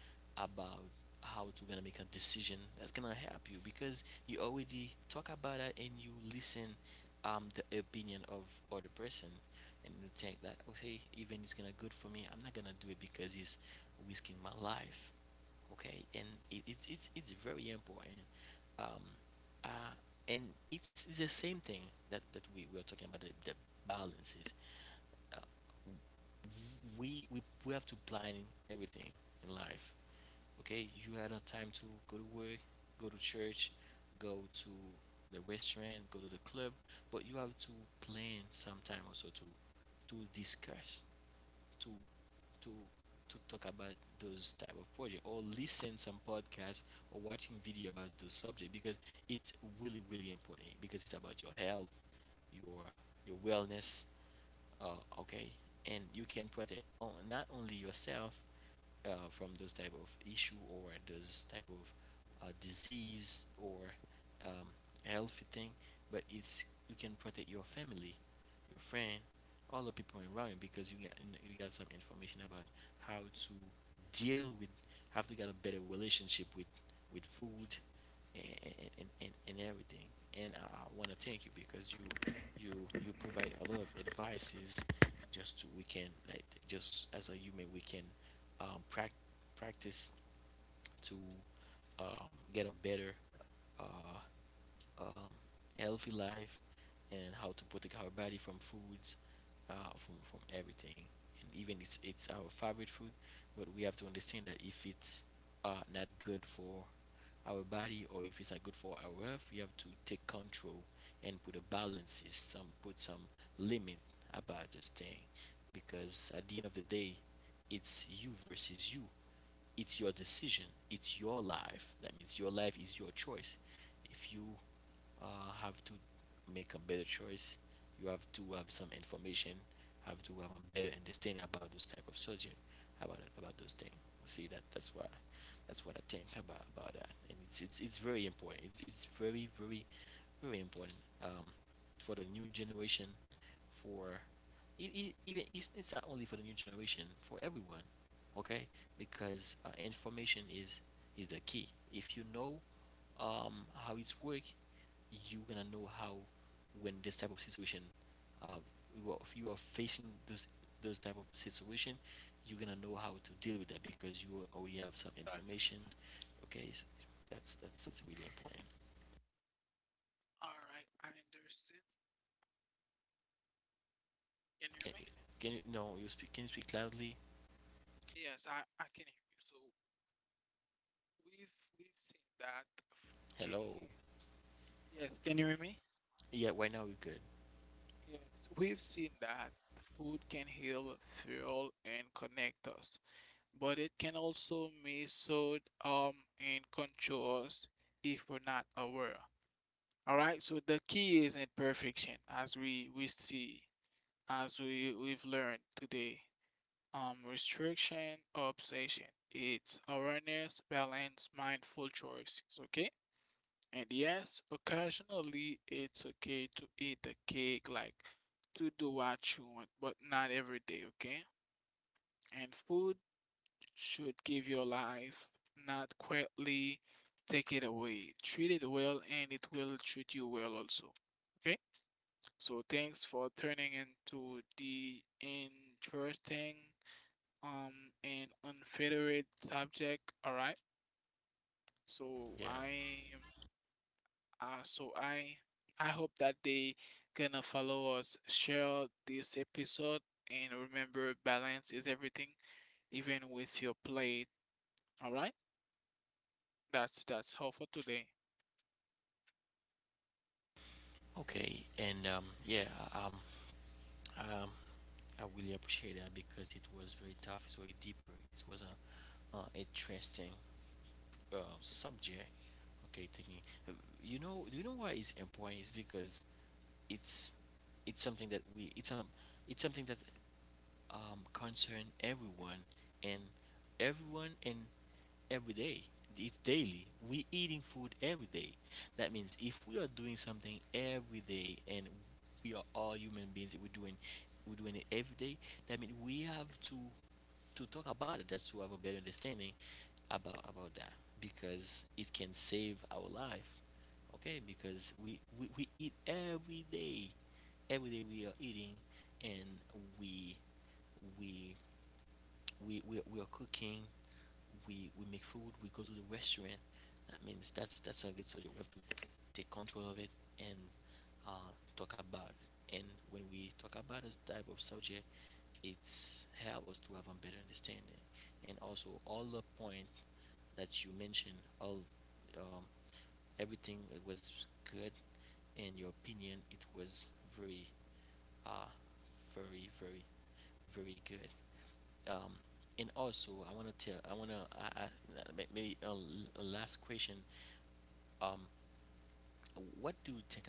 [SPEAKER 1] about how to gonna make a decision that's gonna help you, because you already talk about it and you listen the opinion of other person, and you think that okay, even it's gonna good for me, I'm not gonna do it because it's risking my life. Okay, and it's it's very important. um uh and it's the same thing that we were talking about, the balances. uh, we have to plan everything in life. Okay, you had a time to go to work, go to church, go to the restaurant, go to the club, but you have to plan some time also to discuss, to to to talk about those type of project, or listen some podcast, or watching video about those subject, because it's really really important because it's about your health, your your wellness, okay. And you can protect on, not only yourself, from those type of issue or those type of disease or um, healthy thing, but it's you can protect your family, your friend, all the people around you, because you got some information about how to deal with, how to get a better relationship with food and and everything. And want to thank you because you provide a lot of advices just to we can, like, just as a human we can um, prac- practice to get a better, uh, um, healthy life, and how to protect our body from foods, from everything. And even it's our favorite food, but we have to understand that if it's not good for our body, or if it's not good for our health, we have to take control and put a balances, some put some limit about this thing, because at the end of the day, it's you versus you. It's your decision, it's your life. That means your life is your choice. If you have to make a better choice, you have to have some information, have to have a better understanding about those type of surgery, about those things. See, that's why, that's what I think about that. And it's very important. It's very very important. um, for the new generation, for even it's not only for the new generation, for everyone. Okay, because information is the key. If you know how it's work, you're gonna know how. When this type of situation, uh, if you are facing those type of situation, you're gonna know how to deal with that, because you already have some information. Okay, so that's that's really important.
[SPEAKER 2] All right, I understand.
[SPEAKER 1] Can
[SPEAKER 2] Can you hear me?
[SPEAKER 1] can you, no, you speak? Can you speak loudly?
[SPEAKER 2] Yes, I can hear you. So we've seen that food
[SPEAKER 1] Hello.
[SPEAKER 2] can heal. Yes, can you hear me?
[SPEAKER 1] Yeah, right now we're good.
[SPEAKER 2] Yes, we've seen that food can heal, fuel, and connect us, but it can also be sold and controls if we're not aware. All right, so the key is imperfection, as we see, as we've learned today. Restriction, obsession. It's awareness, balance, mindful choices. Okay, and yes, occasionally it's okay to eat the cake, like to do what you want, but not every day. Okay, and food should give your life, not quietly take it away. Treat it well, and it will treat you well also. Okay? So thanks for turning into the interesting um and unfettered subject. All right.
[SPEAKER 1] Yeah.
[SPEAKER 2] So I am so I hope that they gonna follow us, share this episode, and remember balance is everything, even with your plate. All right. That's all for today.
[SPEAKER 1] Okay, and yeah, um, um, I really appreciate that because it was very tough. It's very deeper. It was a interesting subject. Okay, taking uh, you know, why it's important is because it's it's something that we it's something that concern everyone and everyone and every day. It's daily. We eating food every day. That means if we are doing something every day and we are all human beings, we're doing it every day. That means we have to talk about it, that's to have a better understanding about that, because it can save our life. Okay, because we eat every day. Every day we are eating, and we we we are cooking. We make food, we go to the restaurant. That means that's a good subject, we have to take control of it and uh, talk about it. And when we talk about this type of subject, it's help us to have a better understanding. And also all the point that you mentioned, all um, everything was good, and your opinion, it was very uh very very very good. um, and also I want to tell, I want to maybe a last question. um, what do you think about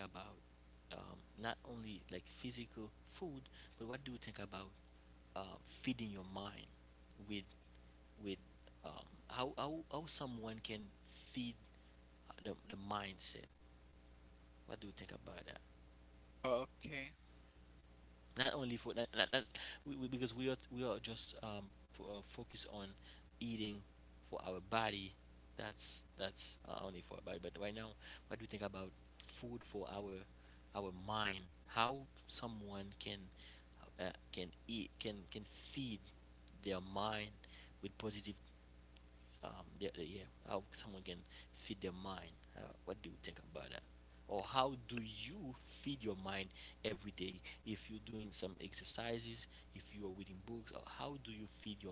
[SPEAKER 1] not only like physical food, but what do you think about feeding your mind with with how, someone can feed the mindset? What do you think about that?
[SPEAKER 2] Okay.
[SPEAKER 1] Not only for not, not, not because we are just focused on eating for our body. That's only for our body, but right now, what do you think about food for our mind? How someone uh, can eat, can feed their mind with positive yeah, how someone can feed their mind. What do you think about that? Or how do you feed your mind every day? If you're doing some exercises, if you are reading books, or how do you feed your mind?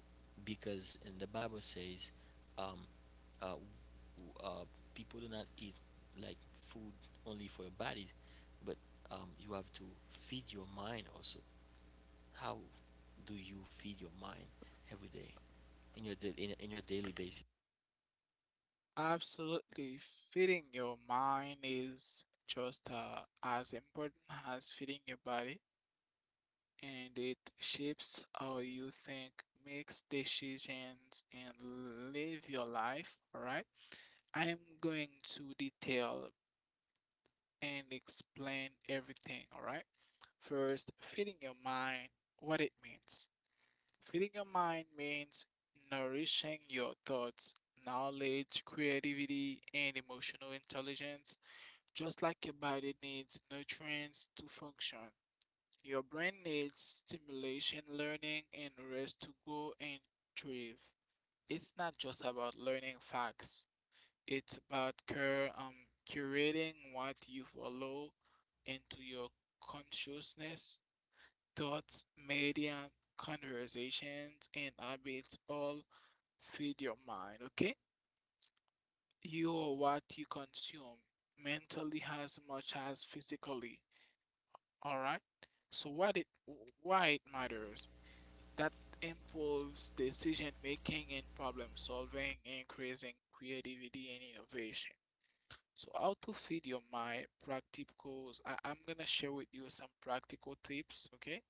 [SPEAKER 1] Because in the Bible says, um, uh, uh, people do not eat like food only for your body, but you have to feed your mind also. How do you feed your mind every day in your in your daily basis?
[SPEAKER 2] Absolutely. Feeding your mind is just as important as feeding your body, and it shapes how you think, makes decisions, and live your life. All right. I am going to detail and explain everything. All right. First, feeding your mind, what it means. Feeding your mind means nourishing your thoughts, knowledge, creativity, and emotional intelligence. Just like your body needs nutrients to function, your brain needs stimulation, learning, and rest to grow and thrive. It's not just about learning facts, it's about curating what you follow into your consciousness. Thoughts, media, conversations, and habits all feed your mind, okay? You are what you consume mentally as much as physically, all right? So what it, why it matters, that improves decision making and problem solving, increasing creativity and innovation. So how to feed your mind practicals. I'm gonna share with you some practical tips, okay?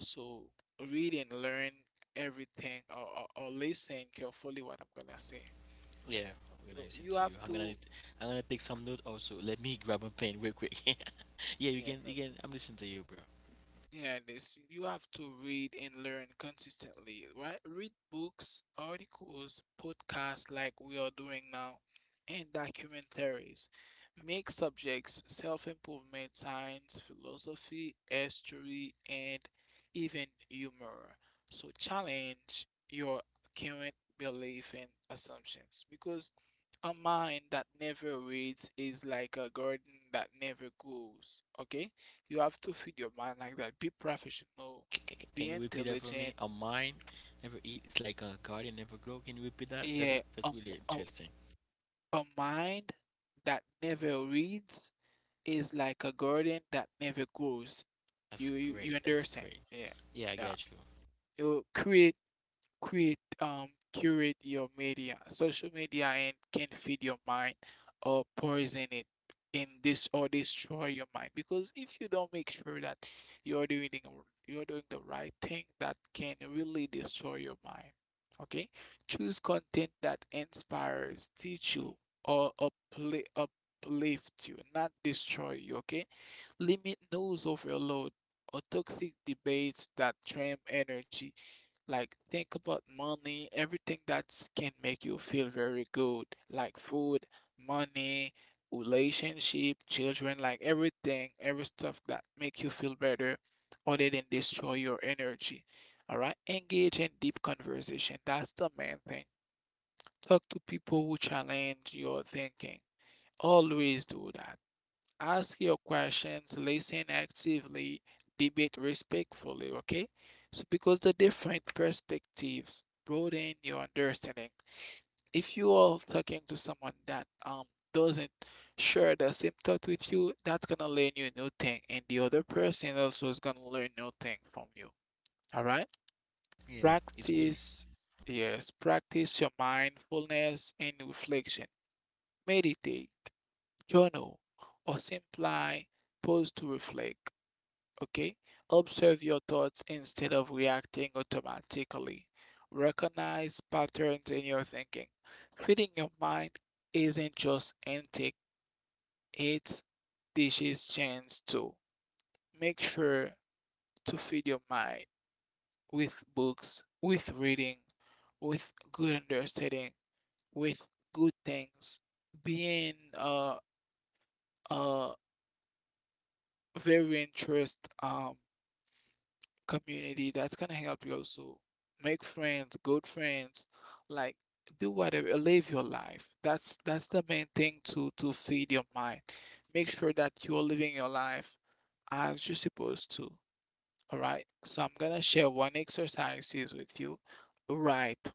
[SPEAKER 2] So read and learn everything, or, listen carefully what I'm gonna say.
[SPEAKER 1] Yeah, we're gonna listen to
[SPEAKER 2] So
[SPEAKER 1] you.
[SPEAKER 2] you have to,
[SPEAKER 1] I'm gonna take some note also. Let me grab a pen real quick. Yeah, you can, you
[SPEAKER 2] you
[SPEAKER 1] can. I'm
[SPEAKER 2] know,
[SPEAKER 1] listening to you, bro.
[SPEAKER 2] yeah, this you have to read and learn consistently, right? Read books, articles, podcasts like we are doing now, and documentaries. Make subjects self-improvement, science, philosophy, history, and even humor. So challenge your current belief and assumptions, because a mind that never reads is like a garden that never grows. Okay? You have to feed your mind like that. Be professional,
[SPEAKER 1] Can you repeat
[SPEAKER 2] be
[SPEAKER 1] that for me? A
[SPEAKER 2] intelligent.
[SPEAKER 1] mind never eat. It's like a garden never grow. Can you repeat that? That's
[SPEAKER 2] Yeah,
[SPEAKER 1] really interesting.
[SPEAKER 2] a, a mind that never reads is like a garden that never grows.
[SPEAKER 1] That's
[SPEAKER 2] You
[SPEAKER 1] great.
[SPEAKER 2] you,
[SPEAKER 1] That's
[SPEAKER 2] you
[SPEAKER 1] great.
[SPEAKER 2] understand?
[SPEAKER 1] Yeah,
[SPEAKER 2] Yeah,
[SPEAKER 1] I got you.
[SPEAKER 2] yeah. You create, curate your media, social media, and can feed your mind or poison it in this, or destroy your mind, because if you don't make sure that you're doing the, you're doing the right thing, that can really destroy your mind. Okay, choose content that inspires, teach you, or uplift you, not destroy you. Okay, limit news overload or toxic debates that drain energy. Like, think about money, everything that can make you feel very good, like food, money, relationship, children, like everything, every stuff that make you feel better other than destroy your energy. All right, engage in deep conversation. That's the main thing. Talk to people who challenge your thinking. Always do that. Ask your questions, listen actively, debate respectfully, okay? So, because the different perspectives broaden your understanding. If you are talking to someone that doesn't share the same thought with you, that's gonna learn you new thing, and the other person also is gonna learn new thing from you. All right?
[SPEAKER 1] Yeah, it's winner.
[SPEAKER 2] Practice, yes, practice your mindfulness and reflection. Meditate, journal, or simply pause to reflect. Okay? Observe your thoughts instead of reacting automatically. Recognize patterns in your thinking. Feeding your mind isn't just intake, it's dishes chance too. Make sure to feed your mind with books, with reading, with good understanding, with good things. Being uh very interest, community, that's gonna help you also make friends, good friends, like do whatever, live your life. That's the main thing to feed your mind. Make sure that you're living your life as you're supposed to. All right. So I'm gonna share one exercises with you. Write,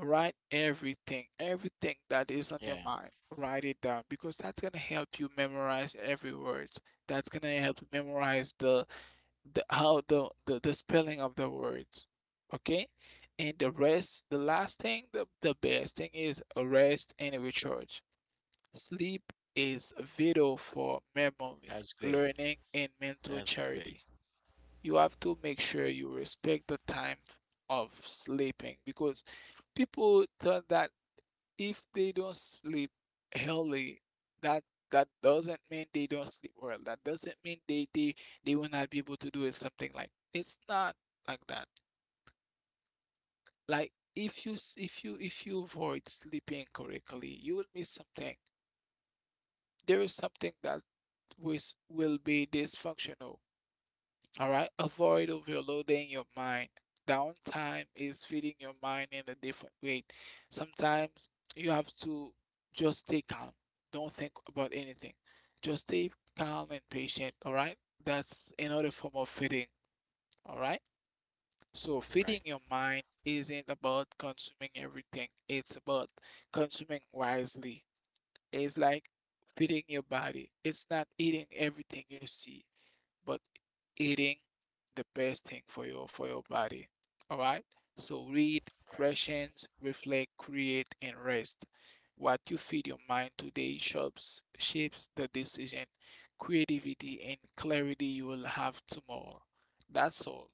[SPEAKER 2] write everything, everything that
[SPEAKER 1] Yeah,
[SPEAKER 2] is on your mind. Write it down because that's gonna help you memorize every word. That's gonna help you memorize the spelling of the words. Okay, and the rest, the last thing, the best thing is rest and recharge. Sleep is vital for
[SPEAKER 1] that's great.
[SPEAKER 2] memory, learning, and
[SPEAKER 1] That's
[SPEAKER 2] mental
[SPEAKER 1] great.
[SPEAKER 2] charity. You have to make sure you respect the time of sleeping, because people thought that if they don't sleep early, that that doesn't mean they don't sleep well. That doesn't mean they they will not be able to do it, something like it's not like that. Like if you if you if you avoid sleeping correctly, you will miss something. There is something that was will be dysfunctional. All right, avoid overloading your mind. Downtime is feeding your mind in a different way. Sometimes you have to just stay calm. Don't think about anything. Just stay calm and patient. All right, that's another form of feeding. All right,
[SPEAKER 1] Right.
[SPEAKER 2] so feeding your mind isn't about consuming everything, it's about consuming wisely. It's like feeding your body, it's not eating everything you see, but eating the best thing for your body. All right? So read,
[SPEAKER 1] Right.
[SPEAKER 2] questions, reflect, create, and rest. What you feed your mind today shapes the decision, creativity, and clarity you will have tomorrow. That's all.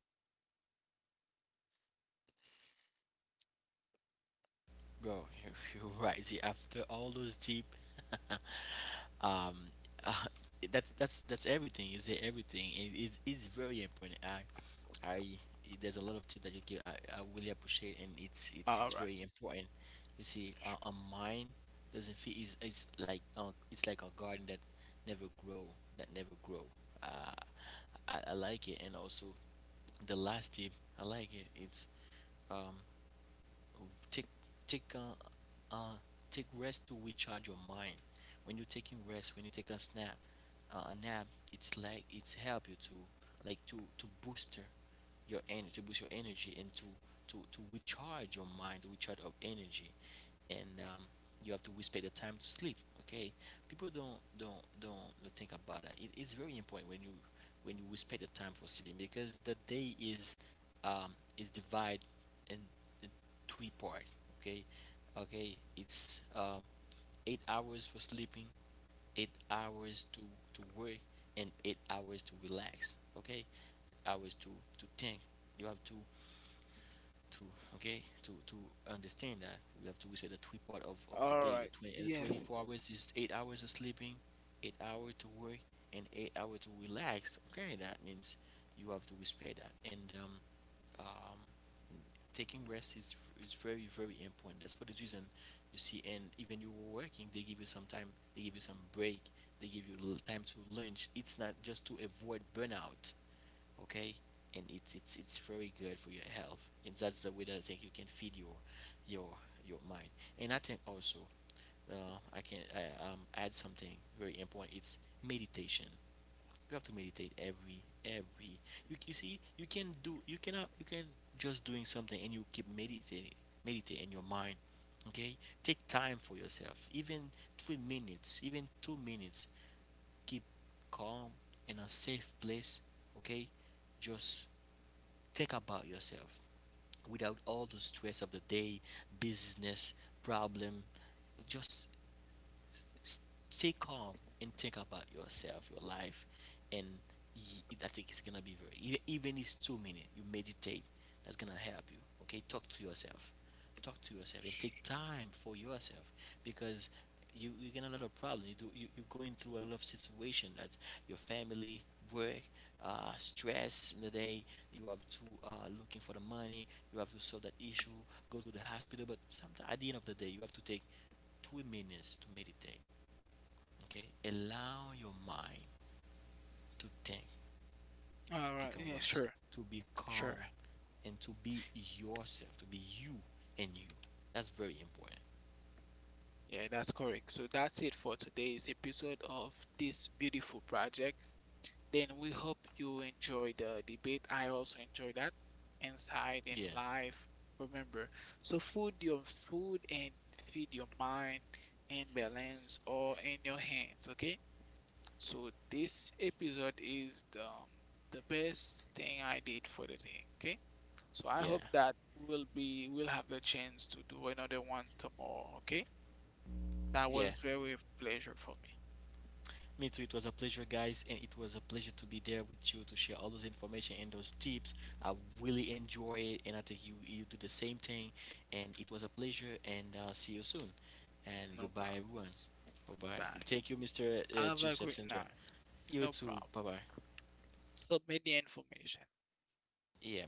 [SPEAKER 1] Bro, you, you're right. See, after all those deep, um, uh, that's that's everything. You say everything. It it's very important. I there's a lot of tips that you give. I really appreciate, and it's it's very
[SPEAKER 2] All right.
[SPEAKER 1] important. You see, a
[SPEAKER 2] Sure.
[SPEAKER 1] mind doesn't feel, is it's like, it's like a garden that never grow that never grow. Uh, I like it, and also the last tip I like it. It's um take take uh take rest to recharge your mind. When you're taking rest, when you take a snap, a nap, it's like it's help you to, like, to booster your energy, to boost your energy, and to recharge your mind, to recharge of energy. And you have to respect the time to sleep, okay? People don't think about it. It it's very important when you, when you respect the time for sleeping, because the day um is divided and three part. Okay, okay, it's 8 hours for sleeping, 8 hours to work, and 8 hours to relax. Okay, hours to think. You have to to okay to to understand that you have to respect the three part of the day. The
[SPEAKER 2] All
[SPEAKER 1] twenty the
[SPEAKER 2] right.
[SPEAKER 1] twenty four
[SPEAKER 2] Yes.
[SPEAKER 1] hours is 8 hours of sleeping, 8 hours to work, and 8 hours to relax. Okay, that means you have to respect that. And um taking rest is very very important. That's for the reason, you see. And even you were working, they give you some time, they give you some break, they give you a little time to lunch. It's not just to avoid burnout. Okay, and it's very good for your health, and that's the way that I think you can feed your your mind. And I think also, add something very important. It's meditation. You have to meditate every every. You see, you can do. You cannot. You can just doing something and you keep meditating, meditate in your mind. Okay, take time for yourself. Even 3 minutes, even 2 minutes. Keep calm in a safe place. Okay, just think about yourself without all the stress of the day, business problem. Just s- s- stay calm and think about yourself, your life, and I think it's gonna be very even if it's 2 minutes. You meditate. That's gonna help you. Okay, talk to yourself, and take time for yourself, because you get a lot of problem. You you going through a lot of situation. That your family, work, stress in the day. You have to looking for the money. You have to solve that issue. Go to the hospital. But sometimes at the end of the day, you have to take 2 minutes to meditate. Okay, allow your mind to think, to take
[SPEAKER 2] All
[SPEAKER 1] a
[SPEAKER 2] right.
[SPEAKER 1] rest,
[SPEAKER 2] Yeah,
[SPEAKER 1] to
[SPEAKER 2] sure.
[SPEAKER 1] be calm,
[SPEAKER 2] Sure.
[SPEAKER 1] and to be yourself, to be you and you. That's very important.
[SPEAKER 2] Yeah, that's correct. So that's it for today's episode of this beautiful project. Then we hope you enjoy the debate. I also enjoy that
[SPEAKER 1] Yeah,
[SPEAKER 2] inside and live. Remember, so food your food and feed your mind, and balance all in your hands. Okay, so this episode is the best thing I did for the day. Okay,
[SPEAKER 1] yeah,
[SPEAKER 2] so I hope that we'll have the chance to do another one tomorrow. Okay,
[SPEAKER 1] yeah.
[SPEAKER 2] that was very pleasure for me.
[SPEAKER 1] Me too. It was a pleasure, guys, and it was a pleasure to be there with you to share all those information and those tips. I really enjoy it, and I think you you do the same thing. And it was a pleasure, and see you soon. And goodbye,
[SPEAKER 2] No
[SPEAKER 1] everyone.
[SPEAKER 2] problem.
[SPEAKER 1] Bye bye. Thank you,
[SPEAKER 2] Bye.
[SPEAKER 1] Mr. Joseph
[SPEAKER 2] Have
[SPEAKER 1] Sandra.
[SPEAKER 2] a great night.
[SPEAKER 1] You too. Bye
[SPEAKER 2] No
[SPEAKER 1] bye.
[SPEAKER 2] problem. Submit the information.
[SPEAKER 1] Yeah, I'm gonna do that.